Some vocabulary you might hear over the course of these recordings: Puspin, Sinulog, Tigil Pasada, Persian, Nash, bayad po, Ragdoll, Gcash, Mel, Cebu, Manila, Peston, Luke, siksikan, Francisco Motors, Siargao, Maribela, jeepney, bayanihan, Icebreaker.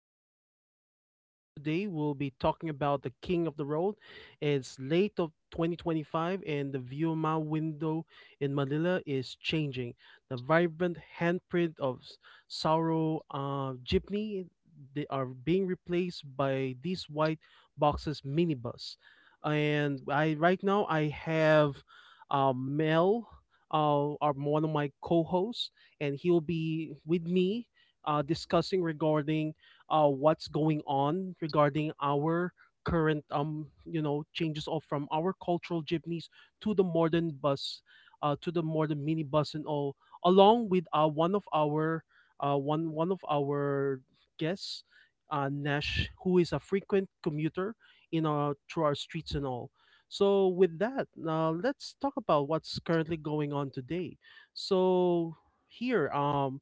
back to my show. Today we'll be talking about the king of the road. It's late of 2025 and the view of my window in Manila is changing. The vibrant handprint of s- sorrow jeepney, they are being replaced by these white boxes minibus. And I right now I have Mel, one of my co-hosts, and he'll be with me discussing regarding what's going on regarding our current changes of from our cultural jeepneys to the modern bus, to the modern minibus and all, along with one of our one one of our guests, Nash, who is a frequent commuter in our through our streets and all. So with that, now let's talk about what's currently going on today. So here,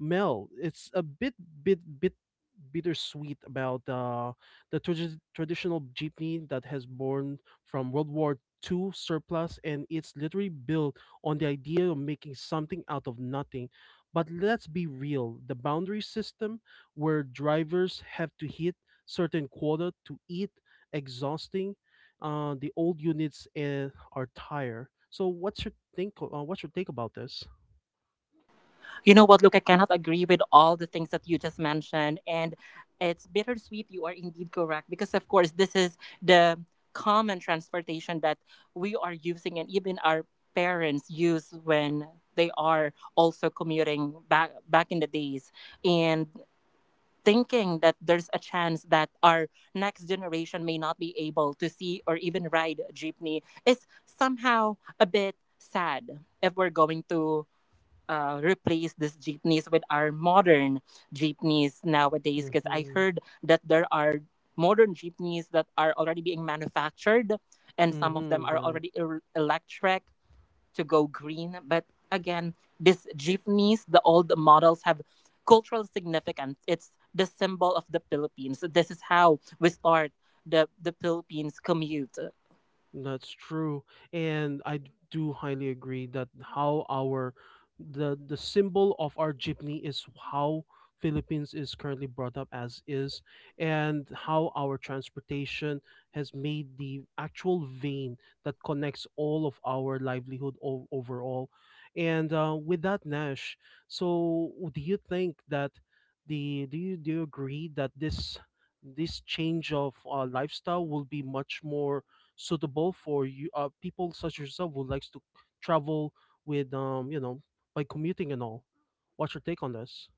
Mel, it's a bit bit bittersweet about the traditional jeepney that has born from World War Two surplus, and it's literally built on the idea of making something out of nothing. But let's be real: the boundary system, where drivers have to hit certain quota to eat, exhausting. The old units are tired. So, what's your think? What's your take about this? You know what, Luke? I cannot agree with all the things that you just mentioned. And it's bittersweet. You are indeed correct. Because, of course, this is the common transportation that we are using and even our parents use when they are also commuting back in the days, and thinking that there's a chance that our next generation may not be able to see or even ride a jeepney is somehow a bit sad if we're going to replace these jeepneys with our modern jeepneys nowadays because I heard that there are modern jeepneys that are already being manufactured, and some of them Mm-hmm. are Right. already electric to go green. But again, these jeepneys, the old models, have cultural significance. It's the symbol of the Philippines. This is how we start the Philippines commute. That's true, and I do highly agree that how our the symbol of our jeepney is how Philippines is currently brought up as is, and how our transportation has made the actual vein that connects all of our livelihood overall. And with that, Nash, so do you think that the do you agree that this change of lifestyle will be much more suitable for you, people such as yourself who likes to travel with by commuting and all? What's your take on this?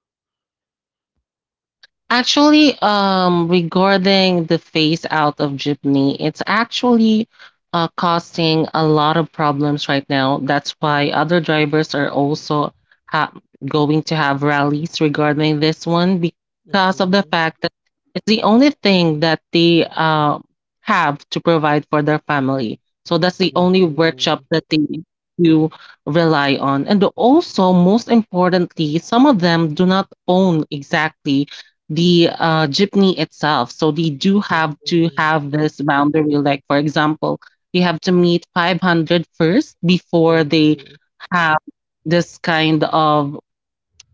Actually, regarding the phase out of jeepney, it's actually causing a lot of problems right now. That's why other drivers are also ha- going to have rallies regarding this one because of the Mm-hmm, fact that it's the only thing that they have to provide for their family. So that's the only mm-hmm, workshop that they do rely on. And also, most importantly, some of them do not own exactly the jeepney itself. So they do have to have this boundary. Like, for example, they have to meet 500 first before they mm-hmm, have this kind of.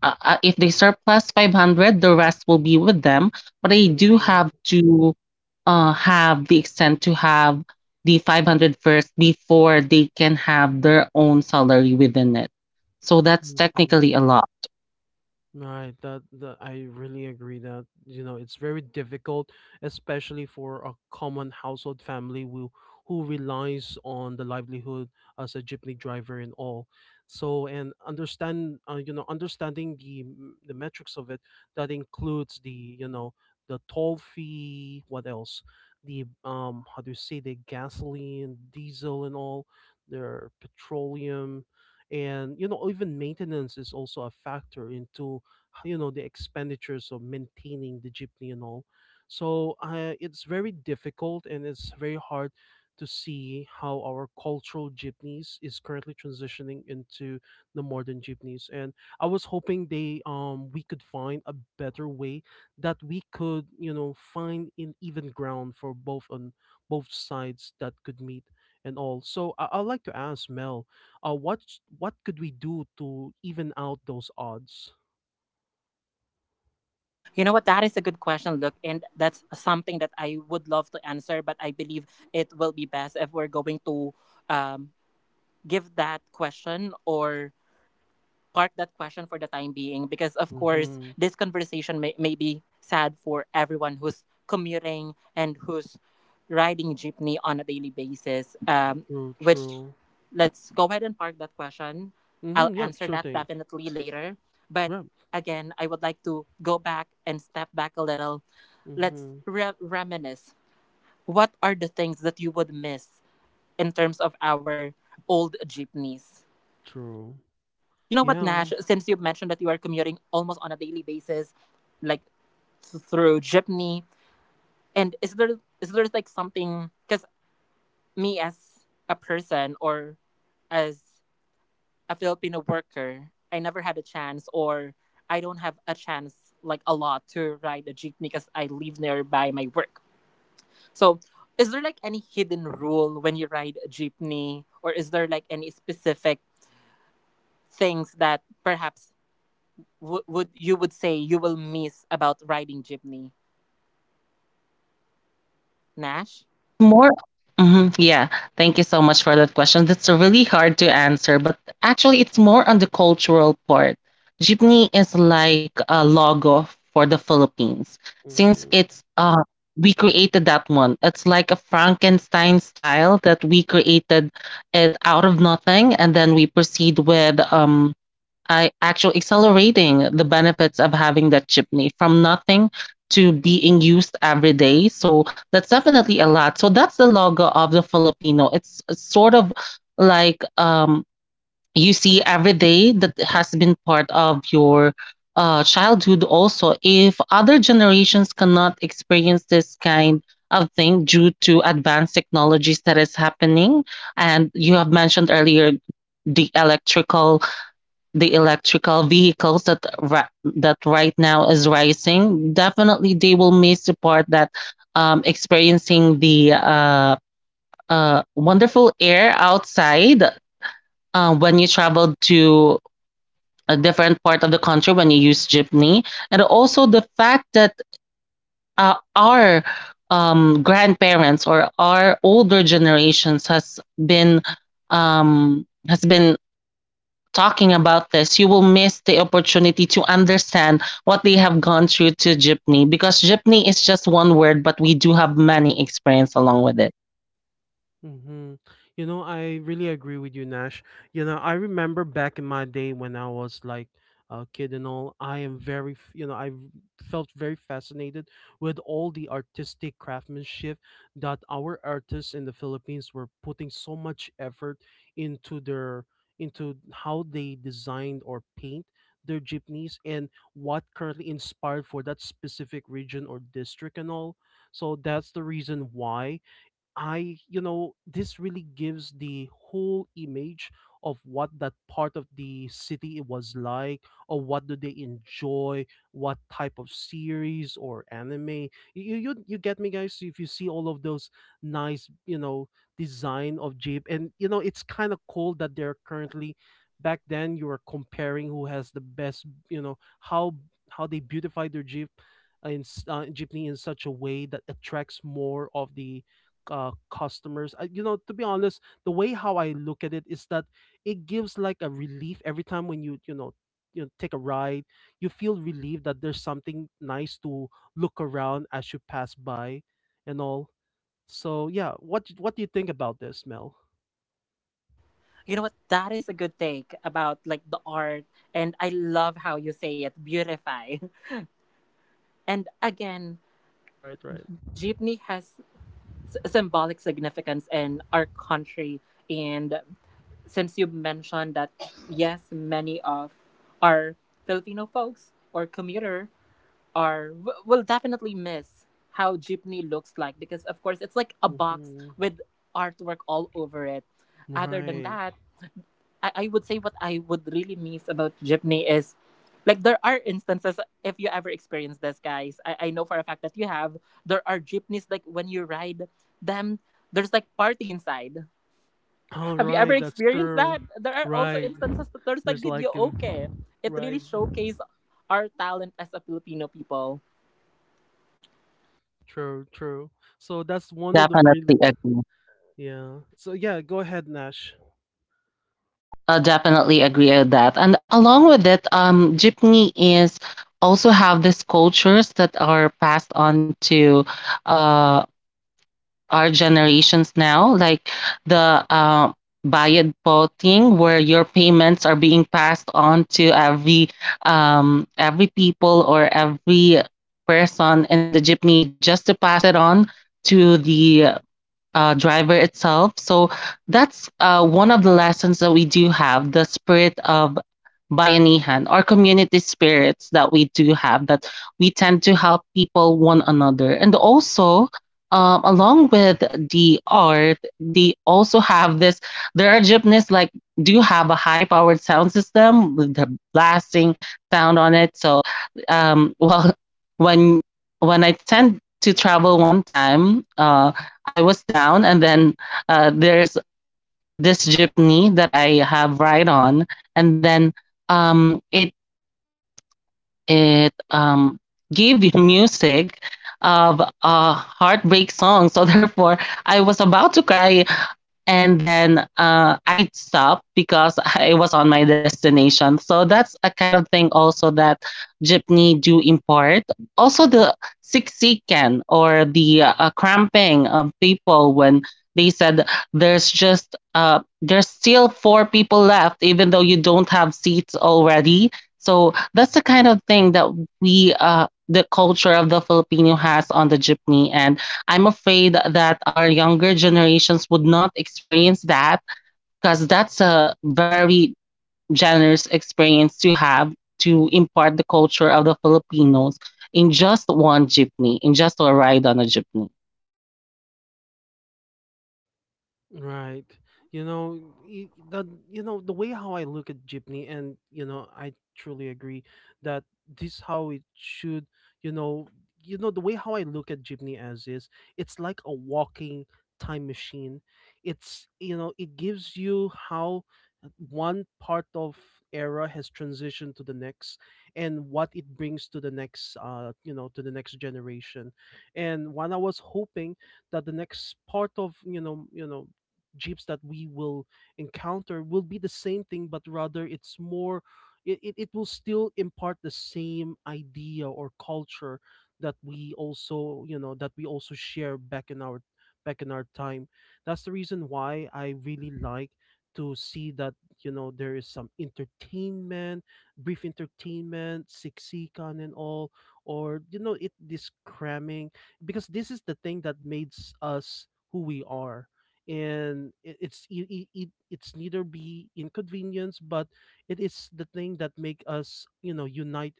If they surplus 500, the rest will be with them. But they do have mm-hmm, to have the extent to have the 500 first before they can have their own salary within it. So that's technically mm-hmm. a lot. Right, that I really agree that you know it's very difficult, especially for a common household family who relies on the livelihood as a jeepney driver and all. So, and understand, you know, understanding the the metrics of it, that includes the, you know, the toll fee, what else, the, how do you say, the gasoline, diesel and all, their petroleum, and you know, even maintenance is also a factor into, you know, the expenditures of maintaining the jeepney and all. So it's very difficult and it's very hard to see how our cultural jeepneys is currently transitioning into the modern jeepneys. And I was hoping, they we could find a better way that we could, you know, find an even ground for both, on both sides, that could meet and all. So I'd like to ask Mel, uh what what could we do to even out those odds? You know what? That is a good question, look, and that's something that I would love to answer, but I believe it will be best if we're going to um, give that question or park that question for the time being because, of course, Mhm. this conversation may be sad for everyone who's commuting and who's riding jeepney on a daily basis. True, Which, true. let's go ahead and park that question. I'll Mhm. Yep. answer Sure that thing. definitely later. But Yep. again, I would like to go back and step back a little. Let's Mhm. Reminisce. What are the things that you would miss in terms of our old jeepneys? True. You know what, Nash? Yeah. Since you've mentioned that you are commuting almost on a daily basis, like through jeepney, and is there like something? Because me as a person or as a Filipino worker, I never had a chance, or I don't have a chance like a lot to ride a jeepney because I live nearby my work. So, is there like any hidden rule when you ride a jeepney, or is there like any specific things that perhaps would you would say you will miss about riding jeepney, Nash? It's more Mhm, yeah. Thank you so much for that question. That's really hard to answer, but actually it's more on the cultural part. Jeepney is like a logo for the Philippines. Since Mhm. it's we created that one. It's like a Frankenstein style that we created it out of nothing, and then we proceed with I actually accelerating the benefits of having that chipney from nothing to being used every day. So that's definitely a lot. So that's the logo of the Filipino. It's sort of like, you see every day that has been part of your childhood. Also, if other generations cannot experience this kind of thing due to advanced technologies that is happening, and you have mentioned earlier the electrical, vehicles that that right now is rising, definitely they will miss the part that, experiencing the wonderful air outside when you travel to a different part of the country when you use jeepney, and also the fact that our grandparents or our older generations has been talking about this. You will miss the opportunity to understand what they have gone through to jeepney, because jeepney is just one word, but we do have many experience along with it. Mm-hmm. You know, I really agree with you, Nash. You know, I remember back in my day when I was like a kid and all, I am very, felt very fascinated with all the artistic craftsmanship that our artists in the Philippines were putting so much effort into their into how they designed or paint their jeepneys and what currently inspired for that specific region or district and all. So that's the reason why I, you know, this really gives the whole image of what that part of the city was like, or what do they enjoy, what type of series or anime. You get me, guys. If you see all of those nice, you know, design of Jeep, and you know, it's kind of cool that they're currently. Back then, you were comparing who has the best, you know, how they beautify their Jeep, jeepney in such a way that attracts more of the customers. I, you know, to be honest, the way how I look at it is that it gives like a relief every time when you, take a ride. You feel relieved that there's something nice to look around as you pass by, and all. So yeah, what what do you think about this, Mel? You know what? That is a good take about like the art, and I love how you say it, beautify. And again, Right, right. jeepney has symbolic significance in our country, and since you mentioned that, yes, many of our Filipino folks or commuter will definitely miss how jeepney looks like because of course it's like a box Hmm. with artwork all over it. Other than Right. that, I would say what I would really miss about jeepney is like there are instances, if you ever experience this, guys, I know for a fact that you have, there are jeepneys like when you ride them, there's like party inside. All Have you ever right, that's experienced true. that? There are also Right, instances that there's like there's like, video, okay, it right. really showcases our talent as a Filipino people. True, true. So that's one of the really. Definitely agree. Yeah. So yeah, go ahead, Nash. I definitely agree with that. And along with it, jeepney is also have these cultures that are passed on to uh, our generations now, like the bayad po thing, where your payments are being passed on to every people or every person in the jeepney just to pass it on to the driver itself. So that's one of the lessons that we do have, the spirit of bayanihan or community spirits that we do have, that we tend to help people one another. And also, along with the art, they also have this. There are jeepneys like do have a high powered sound system with the blasting sound on it. So, well, when when I tend to travel one time, I was down, and then there's this jeepney that I have ride on, and then, it it gave you music of a heartbreak song. So therefore, I was about to cry, and then I stopped because I was on my destination. So that's a kind of thing also that jeepney do import. Also the siksikan or the cramping of people when they said there's still four people left even though you don't have seats already. So that's the kind of thing that we the culture of the Filipino has on the jeepney, and I'm afraid that our younger generations would not experience that, because that's a very generous experience to have, to impart the culture of the Filipinos in just one jeepney, in just a ride on a jeepney. Right. You know, the, you know, the way how I look at Jeepney, and you know I truly agree that this how it should, you know, you know, the way how I look at Jeepney as is, it's like a walking time machine. It's, you know, it gives you how one part of era has transitioned to the next and what it brings to the next, to the next generation. And when I was hoping that the next part of, jeeps that we will encounter will be the same thing, but rather it's more, it will still impart the same idea or culture that we also, you know, that we also share back in our, back in our time. That's the reason why I really like to see that, you know, there is some entertainment, brief entertainment, siksikan and all, or you know, it, this cramming, because this is the thing that makes us who we are. And it, it's it, it, it- it's neither be inconvenience, but it is the thing that make us, you know, unite,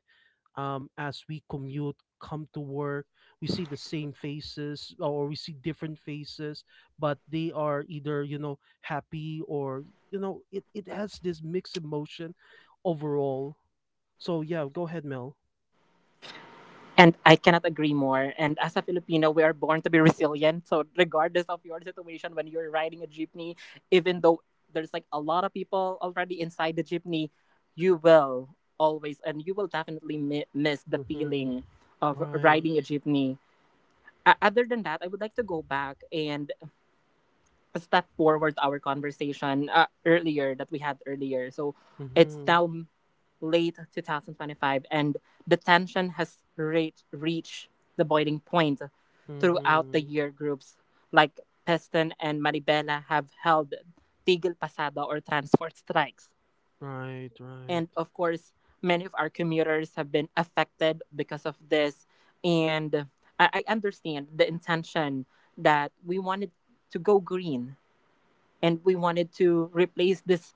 as we commute, come to work. We see the same faces or we see different faces, but they are either, you know, happy, or you know, it has this mixed emotion overall. So yeah, go ahead, Mel. And I cannot agree more. And as a Filipino, we are born to be resilient. So, regardless of your situation, when you're riding a jeepney, even though there's like a lot of people already inside the jeepney, you will always and you will definitely miss the Mm-hmm. feeling of Right. riding a jeepney. Other than that, I would like to go back and step forward our conversation earlier that we had earlier. So, it's Mm-hmm. now late 2025, and the tension has reached the boiling point. Throughout the Mm-hmm. year, groups like Peston and Maribela have held Tigil Pasada or transport strikes. Right, right. And of course, many of our commuters have been affected because of this. And I understand the intention that we wanted to go green, and we wanted to replace this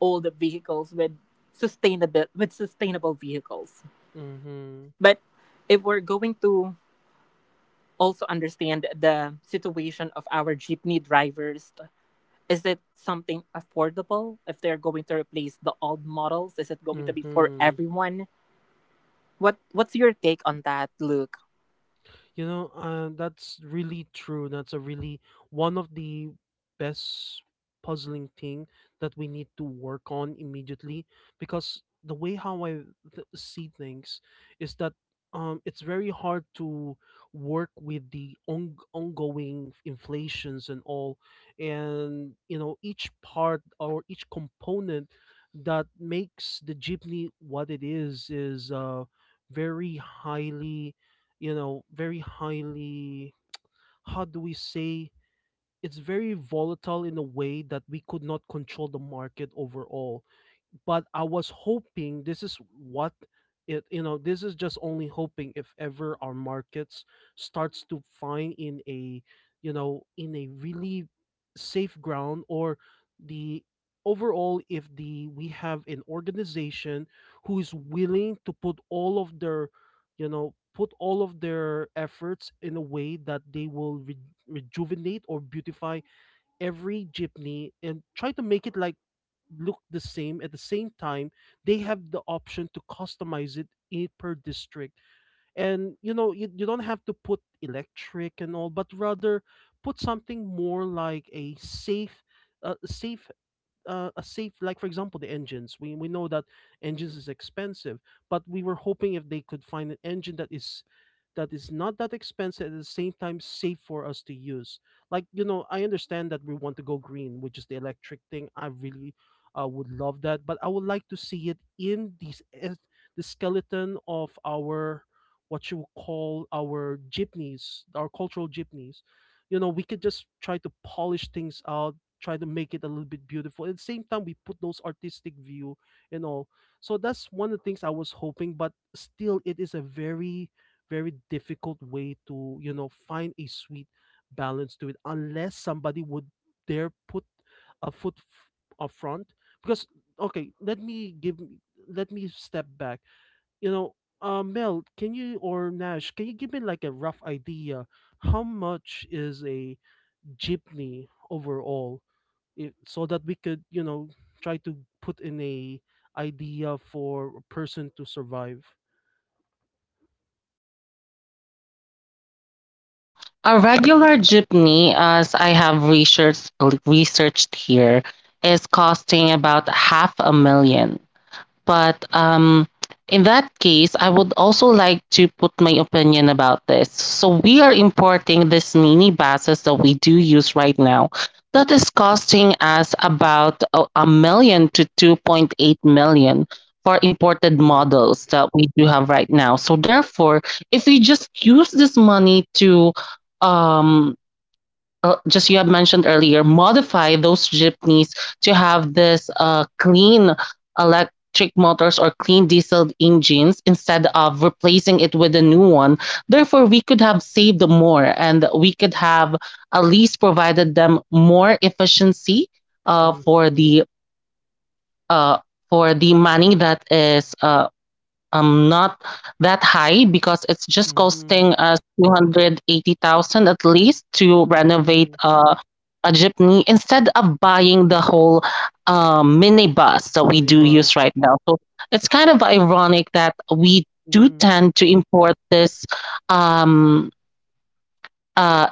old vehicles with sustainable vehicles. Mm-hmm. But if we're going to also understand the situation of our jeepney drivers, is it something affordable if they're going to replace the old models? Is it going to be for Mm-hmm. everyone? What what's your take on that, Luke? You know, that's really true. That's a really one of the best puzzling thing that we need to work on immediately, because the way how I see things is that, it's very hard to work with the ongoing inflations and all, and you know, each part or each component that makes the jeepney what it is, very highly, you know very highly how do we say, it's very volatile in a way that we could not control the market overall. But I was hoping this is what, it, you know, this is just only hoping if ever our markets starts to find in a, you know, in a really safe ground, or the overall, if the we have an organization who is willing to put all of their, you know, put all of their efforts in a way that they will rejuvenate or beautify every jeepney and try to make it like look the same. At the same time, they have the option to customize it, per district. And you know, you don't have to put electric and all, but rather put something more like a safe, uh, safe a safe, like for example the engines. We know that engines is expensive, but we were hoping if they could find an engine that is, not that expensive, at the same time safe for us to use. Like, you know, I understand that we want to go green, which is the electric thing. I really, would love that, but I would like to see it in these, the skeleton of our, what you would call our jeepneys, our cultural jeepneys. You know, we could just try to polish things out, try to make it a little bit beautiful. At the same time, we put those artistic view and all. So that's one of the things I was hoping, but still, it is a very, very difficult way to, you know, find a sweet balance to it, unless somebody would dare put a foot up front. Because, okay, let me step back. You know, Mel, can you, or Nash, can you give me like a rough idea how much is a jeepney overall? So that we could, you know, try to put in a idea for a person to survive. A regular jeepney, as I have researched here, is costing about half a million. But in that case, I would also like to put my opinion about this. So we are importing this mini buses that we do use right now. That is costing us about a million to 2.8 million for imported Mm. models that we do have right now. So therefore, if we just use this money to um just you have mentioned earlier, modify those jeepneys to have this clean electric motors or clean diesel engines instead of replacing it with a new one. Therefore, we could have saved more, and we could have at least provided them more efficiency uh, for Mm-hmm. the uh, for the money that is not that high, because it's just Mm-hmm. costing us 280,000 at least to renovate Mm-hmm. A jeepney instead of buying the whole minibus that we do Minibus. use right now. So it's kind of ironic that we do Mm-hmm. tend to import this um, uh,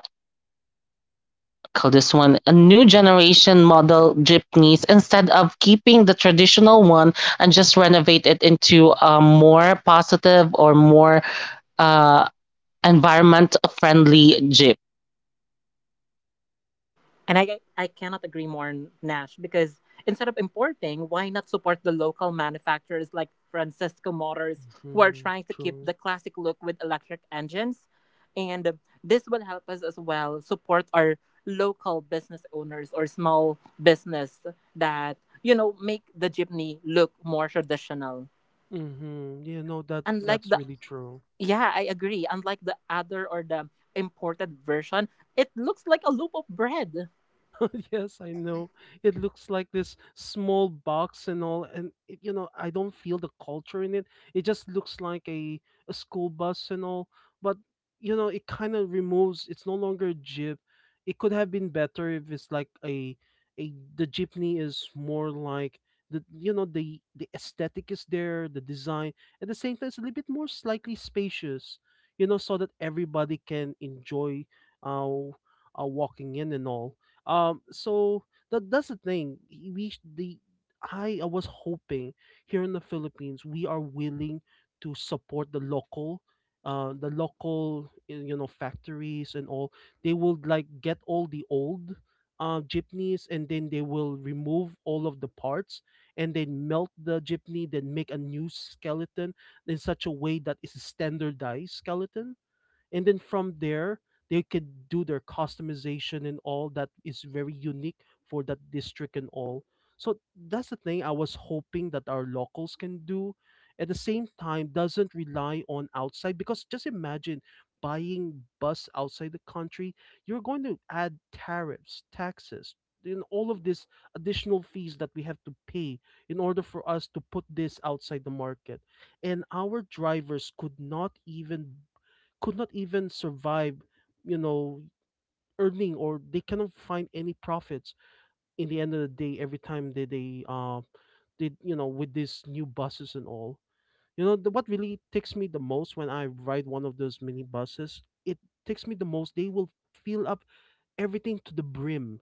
call this one a new generation model jeepneys instead of keeping the traditional one and just renovate it into a more positive or more uh, environment friendly jeep. And I cannot agree more, Nash, because instead of importing, why not support the local manufacturers like Francisco Motors, who are Mm-hmm. trying to keep True. the classic look with electric engines? And this will help us as well support our local business owners or small business that, you know, make the jeepney look more traditional. Mm-hmm. Yeah, no, that Unlike that's the, really true. yeah, I agree. Unlike the other or the imported version, it looks like a loaf of bread. Yes, I know. It looks like this small box and all, and it, you know, I don't feel the culture in it. It just looks like a school bus and all, but you know, it kind of removes. It's no longer a jeep. It could have been better if it's like a, the jeepney is more like the, you know, the aesthetic is there, the design, at the same time it's a little bit more slightly spacious, you know, so that everybody can enjoy. Uh, Walking in and all. So that that's the thing. We sh- the I was hoping here in the Philippines we are willing to support the local factories and all. They will like get all the old jeepneys, and then they will remove all of the parts and then melt the jeepney, then make a new skeleton in such a way that it's a standardized skeleton. And then from there they could do their customization and all that is very unique for that district and all. So that's the thing I was hoping that our locals can do. At the same time, doesn't rely on outside, because just imagine buying bus outside the country, you're going to add tariffs, taxes, and all of this additional fees that we have to pay in order for us to put this outside the market. And our drivers could not even, could not even survive, you know, earning, or they cannot find any profits in the end of the day every time they did, you know, with these new buses and all. You know, the, what really takes me the most, when I ride one of those mini buses, it takes me the most. They will fill up everything to the brim.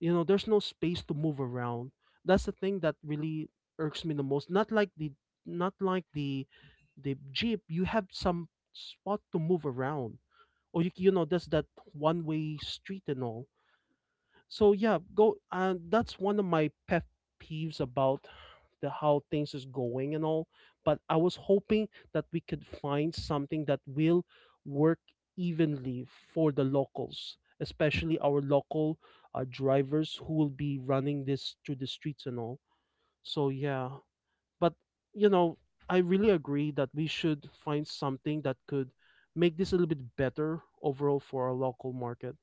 You know, there's no space to move around. That's the thing that really irks me the most. Not like the jeep. You have some spot to move around. Or you know, there's that one way street and all. So yeah, go, and that's one of my pet peeves about the how things is going and all. But I was hoping that we could find something that will work evenly for the locals, especially our local, drivers who will be running this through the streets and all. So yeah. But, you know, I really agree that we should find something that could make this a little bit better overall for our local market.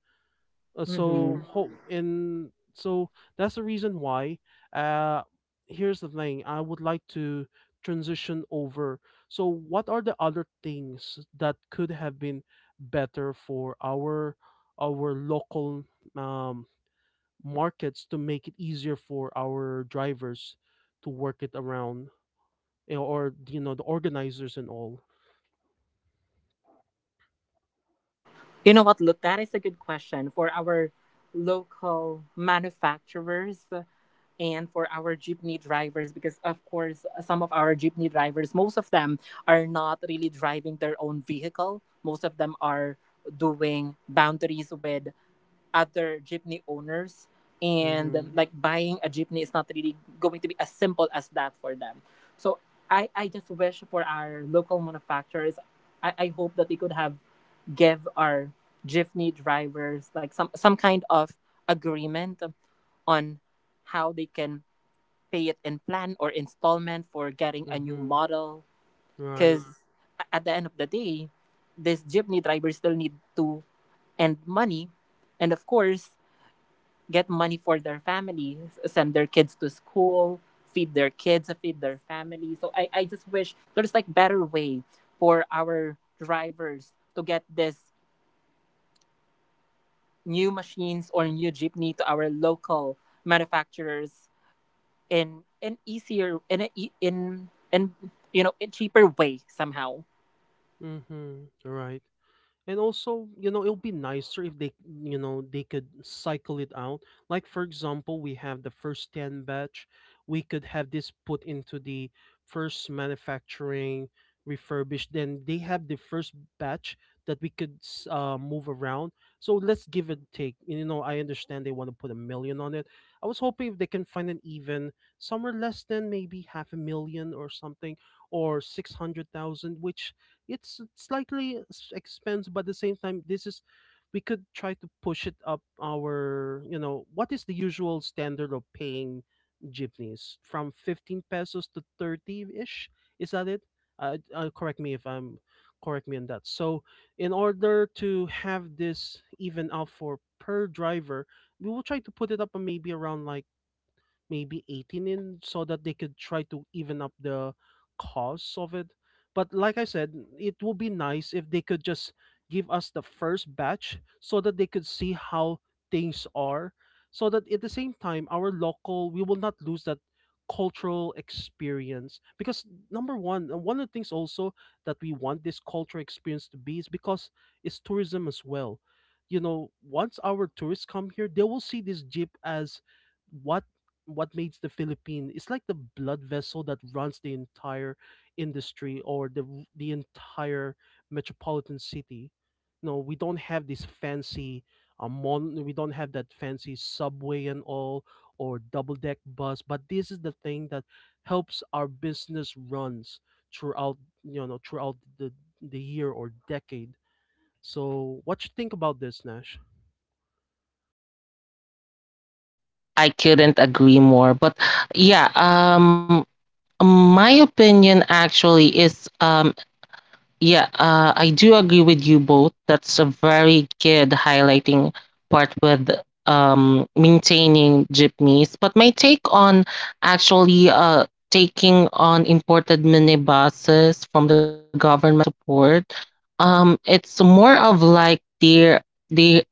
So Mhm. hope and so that's the reason why. Uh, Here's the thing: I would like to transition over. So, what are the other things that could have been better for our local, um, markets to make it easier for our drivers to work it around? You know, or you know, the organizers and all. You know what, Look, that is a good question for our local manufacturers and for our jeepney drivers because of course some of our jeepney drivers, most of them, are not really driving their own vehicle. Most of them are doing boundaries with other jeepney owners. And Mm-hmm. like buying a jeepney is not really going to be as simple as that for them. So I just wish for our local manufacturers, I hope that they could have give our Jiffney drivers like some kind of agreement on how they can pay it in plan or installment for getting a new Mm-hmm. model, Right. because at the end of the day these jeepney drivers still need to and money and of course get money for their family, s- send their kids to school, feed their kids, feed their family. So I just wish there's like better way for our drivers to get this new machines or new jeepney to our local manufacturers in an easier, in you know, a cheaper way somehow. Mm-hmm. Right. And also, you know, it'll be nicer if they, you know, they could cycle it out. Like for example, we have the first 10 batch. We could have this put into the first manufacturing refurbished. Then they have the first batch that we could move around. So let's give and take. You know, I understand they want to put a million on it. I was hoping if they can find an even somewhere less than maybe half a million or something, or 600,000, which, it's slightly expensive, but at the same time, this is, we could try to push it up, our, you know, what is the usual standard of paying jeepneys from 15 pesos to 30ish. Is that it? Correct me if I'm correct me on that. So in order to have this even out for per driver, we will try to put it up maybe around like maybe 18 in, so that they could try to even up the cost of it. But like I said, it would be nice if they could just give us the first batch so that they could see how things are. So that at the same time, our local, we will not lose that cultural experience, because number one, one of the things also that we want this cultural experience to be, is because it's tourism as well. You know, once our tourists come here, they will see this jeep as what what makes the Philippine, it's like the blood vessel that runs the entire industry, or the entire metropolitan city. No, we don't have this fancy we don't have that fancy subway and all, or double deck bus, but this is the thing that helps our business runs throughout, you know, throughout the year or decade. So what you think about this, Nash? I couldn't agree more. But yeah, my opinion actually I do agree with you both. That's a very good highlighting part with maintaining jeepneys. But my take on, actually, taking on imported minibuses from the government support, it's more of like they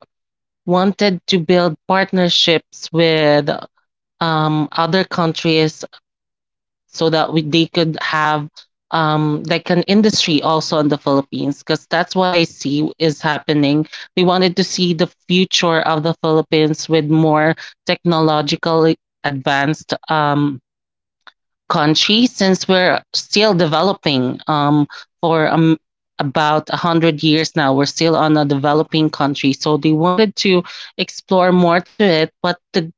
wanted to build partnerships with other countries, so that they could have, like an industry also in the Philippines, because that's what I see is happening. We wanted to see the future of the Philippines with more technologically advanced, country, since we're still developing, for about 100 years now. We're still on a developing country. So they wanted to explore more to it, but the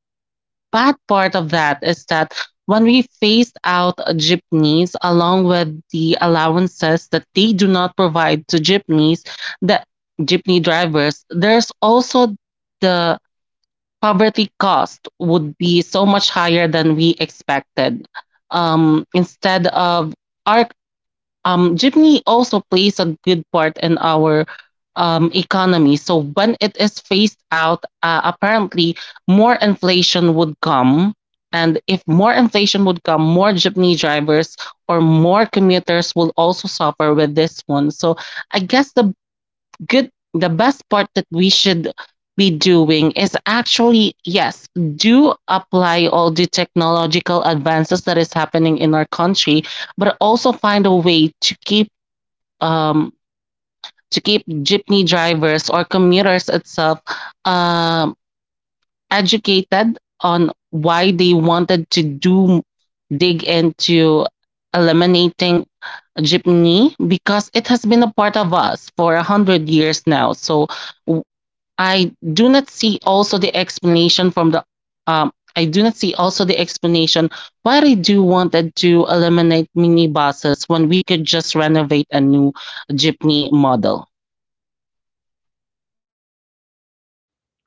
bad part of that is that when we phased out jeepneys along with the allowances that they do not provide to jeepneys, the jeepney drivers, there's also the poverty cost would be so much higher than we expected. Instead of our Jeepney also plays a good part in our economy. So when it is phased out, apparently more inflation would come. And if more inflation would come, more jeepney drivers or more commuters will also suffer with this one. So I guess the good the best part that we should be doing is actually, yes, do apply all the technological advances that is happening in our country, but also find a way to keep, um jeepney drivers or commuters itself um educated on why they wanted to do dig into eliminating jeepney, because it has been a part of us for 100 years now. So I do not see also the explanation from the I do not see also the explanation why they do wanted to eliminate minibuses when we could just renovate a new jeepney model.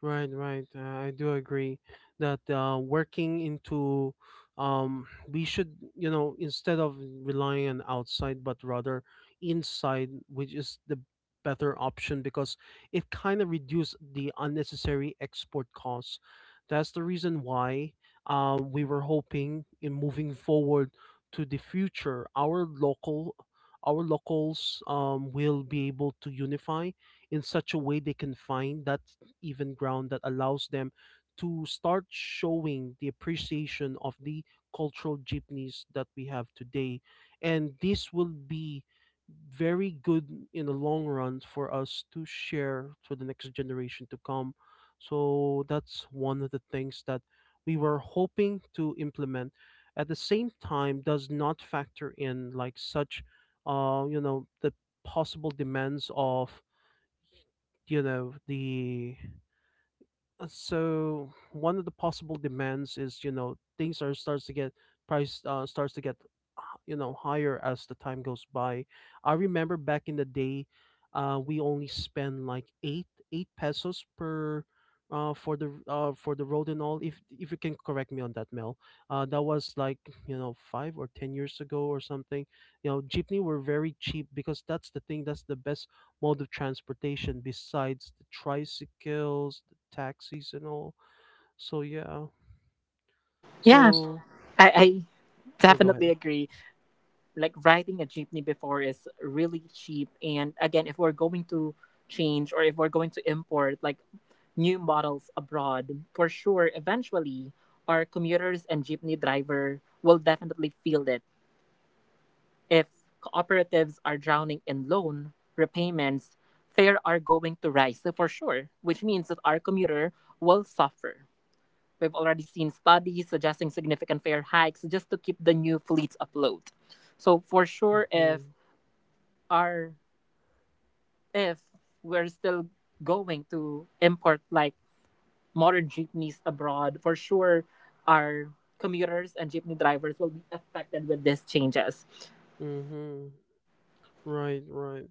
Right, right. I do agree that working into, we should, you know, instead of relying on outside, but rather inside, which is the better option, because it kind of reduced the unnecessary export costs. That's the reason why we were hoping in moving forward to the future, our local. Our locals will be able to unify in such a way they can find that even ground that allows them to start showing the appreciation of the cultural jeepneys that we have today. And this will be very good in the long run for us to share for the next generation to come. So that's one of the things that we were hoping to implement. At the same time, does not factor in like such, you know, the possible demands of, you know, the so one of the possible demands is, you know, things are starts to get price starts to get you know, higher as the time goes by. I remember back in the day, we only spend like eight pesos per. For the road and all. If you can correct me on that, Mel, that was like, you know, 5 or 10 years ago or something. You know, jeepney were very cheap, because that's the thing, that's the best mode of transportation besides the tricycles, the taxis, and all. So yeah. Yeah, So I no, go ahead. definitely agree. Like riding a jeepney before is really cheap, and again if we're going to change or if we're going to import like new models abroad, for sure eventually our commuters and jeepney driver will definitely feel it. If cooperatives are drowning in loan repayments, fares are going to rise, so for sure, which means that our commuter will suffer. We've already seen studies suggesting significant fare hikes just to keep the new fleets afloat. So for sure, Mm-hmm. our if we're still going to import like modern jeepneys abroad, for sure our commuters and jeepney drivers will be affected with these changes. Mm-hmm. Right. Right.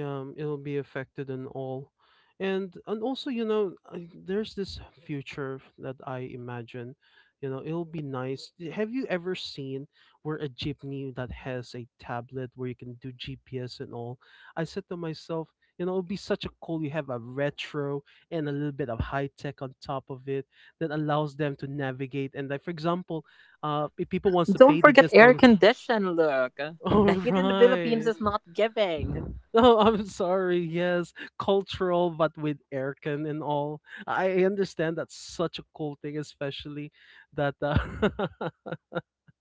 It'll be affected and all. And also, you know, I- there's this future that I imagine, you know, it'll be nice. Have you ever seen where a jeepney that has a tablet where you can do GPS and all? I said to myself, you know, it'll be such a cool, you have a retro and a little bit of high tech on top of it, that allows them to navigate, and like for example, if people wants to Don't pay, they forget just air all condition, Look. The all heat in the Philippines right. is not giving. No, I'm sorry. Yes, cultural, but with aircon and all. I understand that's such a cool thing, especially that.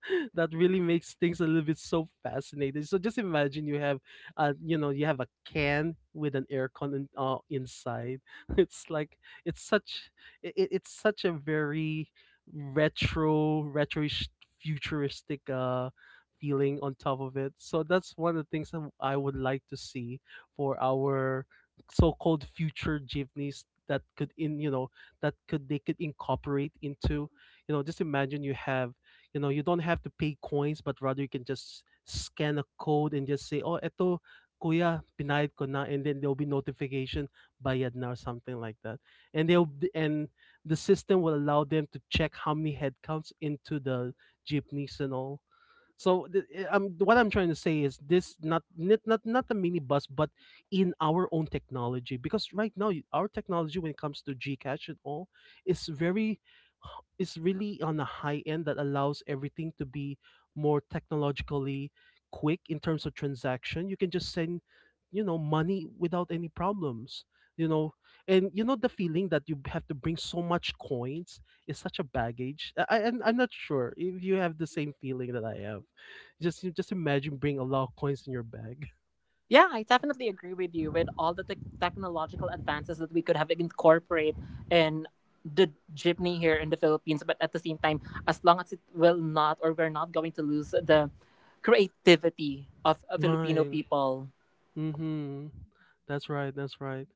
That really makes things a little bit so fascinating. So just imagine you have, you know, you have a can with an aircon in, inside. It's like, it's such it's such a very retro, retroish, futuristic feeling on top of it. So that's one of the things that I would like to see for our so-called future jeepneys that could in, you know, that could, they could incorporate into, you know, just imagine you have, you know, you don't have to pay coins, but rather you can just scan a code and just say, oh, eto, kuya, pinayad ko na. And then there'll be notification, bayad na or something like that. And the system will allow them to check how many headcounts into the jeepneys and all. I'm, what I'm trying to say is this, not a minibus, but in our own technology. Because right now, y- our technology when it comes to Gcash and all, is very, is really on a high end that allows everything to be more technologically quick in terms of transaction. You can just send, you know, money without any problems. You know, and you know the feeling that you have to bring so much coins is such a baggage. I'm not sure if you have the same feeling that I have. Just imagine bring a lot of coins in your bag. Yeah, I definitely agree with you with all the tech technological advances that we could have incorporate in the jeepney here in the Philippines. But at the same time, as long as it will not, or we're not going to lose the creativity of Filipino Right. people. Mm-hmm. That's right. That's right.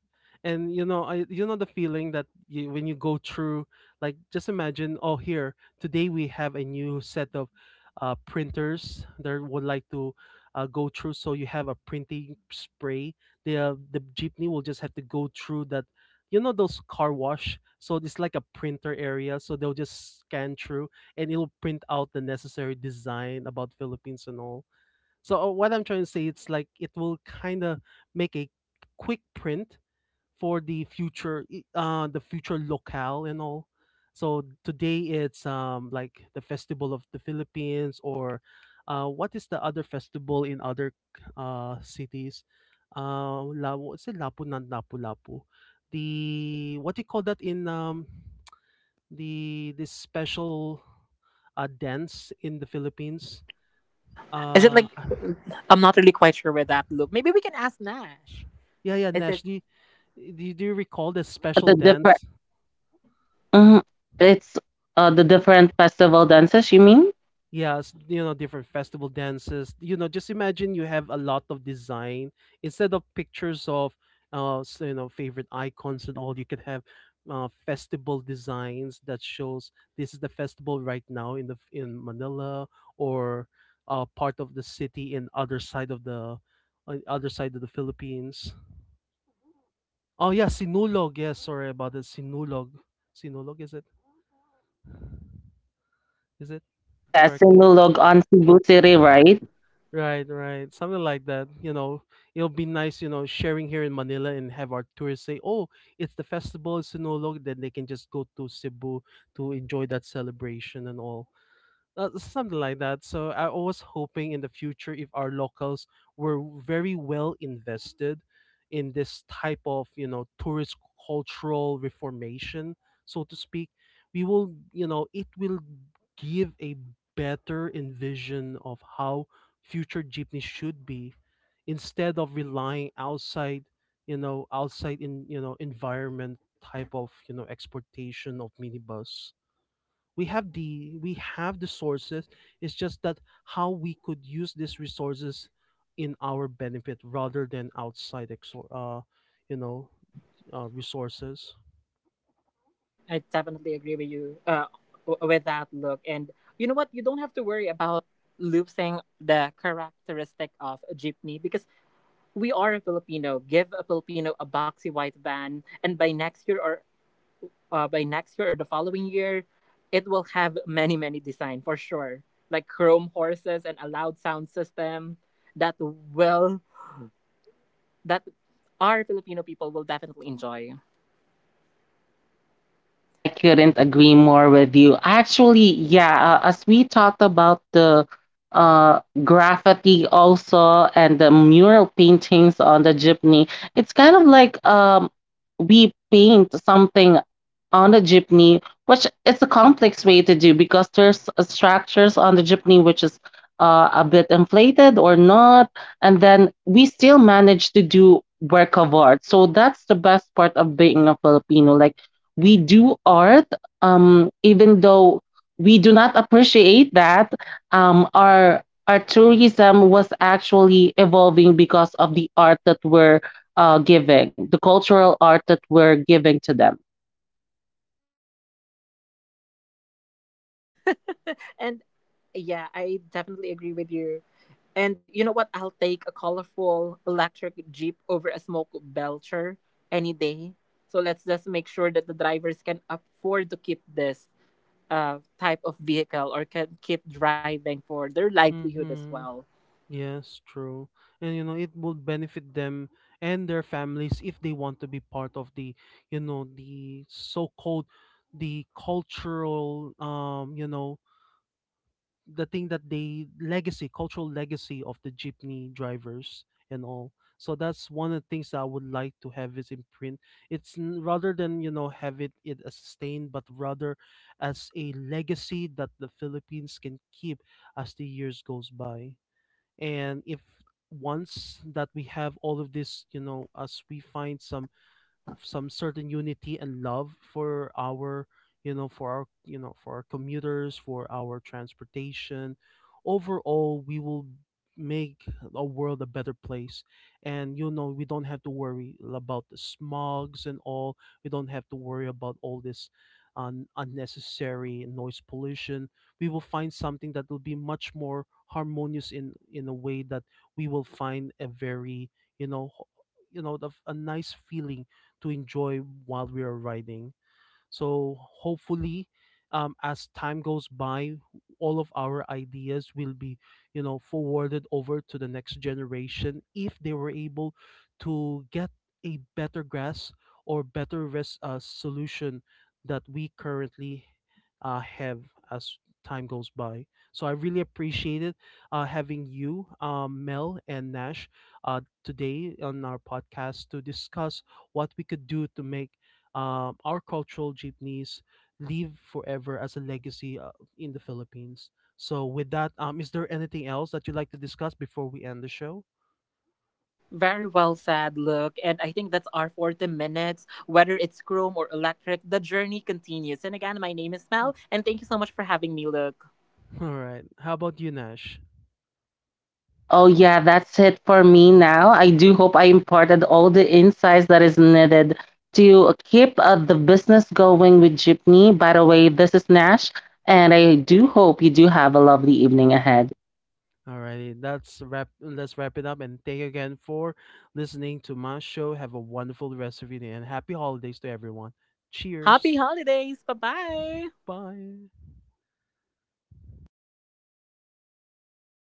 And you know, I, you know, the feeling that you, when you go through, like just imagine, oh, here today we have a new set of, printers that would like to go through. So you have a printing spray. The jeepney will just have to go through that. You know, those car wash. So it's like a printer area. So they'll just scan through and it'll print out the necessary design about Philippines and all. So what I'm trying to say, it's like it will kind of make a quick print for the future, the future locale and all. So today it's like the festival of the Philippines, or what is the other festival in other cities? La, what's it? Lapu nan Lapu Lapu. The, what do you call that in the this special dance in the Philippines? Is it Uh like, I'm not really quite sure with that, Look. Maybe we can ask Nash. Yeah, yeah, Is it? Nash. Do you, do you recall the special The different dance? Mhm. It's the different festival dances. You mean? Yes, you know, different festival dances. You know, just imagine you have a lot of design instead of pictures of, you know, favorite icons and all. You could have festival designs that shows this is the festival right now in the f- in Manila, or part of the city in other side of the, on other side of the Philippines. Oh yeah, Sinulog. Yes, sorry about it. Sinulog. Sinulog, is it? Is it? Yes, Correct me. Sinulog on Cebu City, right? Right, right. Something like that. You know, it'll be nice, you know, sharing here in Manila and have our tourists say, "Oh, it's the festival in Sinulog." Then they can just go to Cebu to enjoy that celebration and all. Something like that. So I was hoping in the future if our locals were very well invested in this type of, you know, tourist cultural reformation, so to speak, we will, you know, it will give a better envision of how future jeepney should be instead of relying outside, you know, outside in, you know, environment type of, you know, exportation of minibus. We have the sources. It's just that how we could use these resources in our benefit rather than outside you know, resources. I definitely agree with you with that, Look. And you know what? You don't have to worry about losing the characteristic of a jeepney because we are a Filipino. Give a Filipino a boxy white van, and by next year or the following year, it will have many design for sure, like chrome horses and a loud sound system that will that our Filipino people will definitely enjoy. I couldn't agree more with you. Actually, yeah, as we talked about the graffiti also and the mural paintings on the jeepney, it's kind of like, we paint something on the jeepney, which is a complex way to do, because there's structures on the jeepney which is a bit inflated or not, and then we still manage to do work of art. So that's the best part of being a Filipino. Like, we do art, even though we do not appreciate that, our tourism was actually evolving because of the art that we're giving, the cultural art that we're giving to them. And yeah, I definitely agree with you. And you know what? I'll take a colorful electric Jeep over a smoke belcher any day. So let's just make sure that the drivers can afford to keep this type of vehicle or can keep driving for their livelihood as Mm-hmm. well. Yes, true. And you know, it would benefit them and their families if they want to be part of the, you know, the so-called the cultural you know, the thing that they legacy, cultural legacy of the jeepney drivers and all. So that's one of the things that I would like to have is imprint. Rather than, you know, have it it as sustained, but rather as a legacy that the Philippines can keep as the years goes by. And if once that we have all of this, you know, as we find some of some certain unity and love for our, you know, for our, you know, for our commuters, for our transportation overall, we will make a world a better place. And you know, we don't have to worry about the smogs and all. We don't have to worry about all this unnecessary noise pollution. We will find something that will be much more harmonious in a way that we will find a very, you know, you know, a nice feeling to enjoy while we are riding. So hopefully, as time goes by, all of our ideas will be, you know, forwarded over to the next generation if they were able to get a better grasp or better solution that we currently have as time goes by. So I really appreciate it having you, Mel and Nash, today on our podcast to discuss what we could do to make our cultural jeepneys live forever as a legacy in the Philippines. So, with that, is there anything else that you'd like to discuss before we end the show? Very well said, Look. And I think that's our 40 minutes. Whether it's chrome or electric, the journey continues. And again, my name is Mel, and thank you so much for having me, Look. All right. How about you, Nash? Oh yeah, that's it for me now. I do hope I imparted all the insights that is needed to keep the business going with Jeepney. By the way, this is Nash, and I do hope you do have a lovely evening ahead. Alrighty, that's wrap. Let's wrap it up, and thank you again for listening to my show. Have a wonderful rest of your day and happy holidays to everyone. Cheers. Happy holidays. Bye bye. Bye.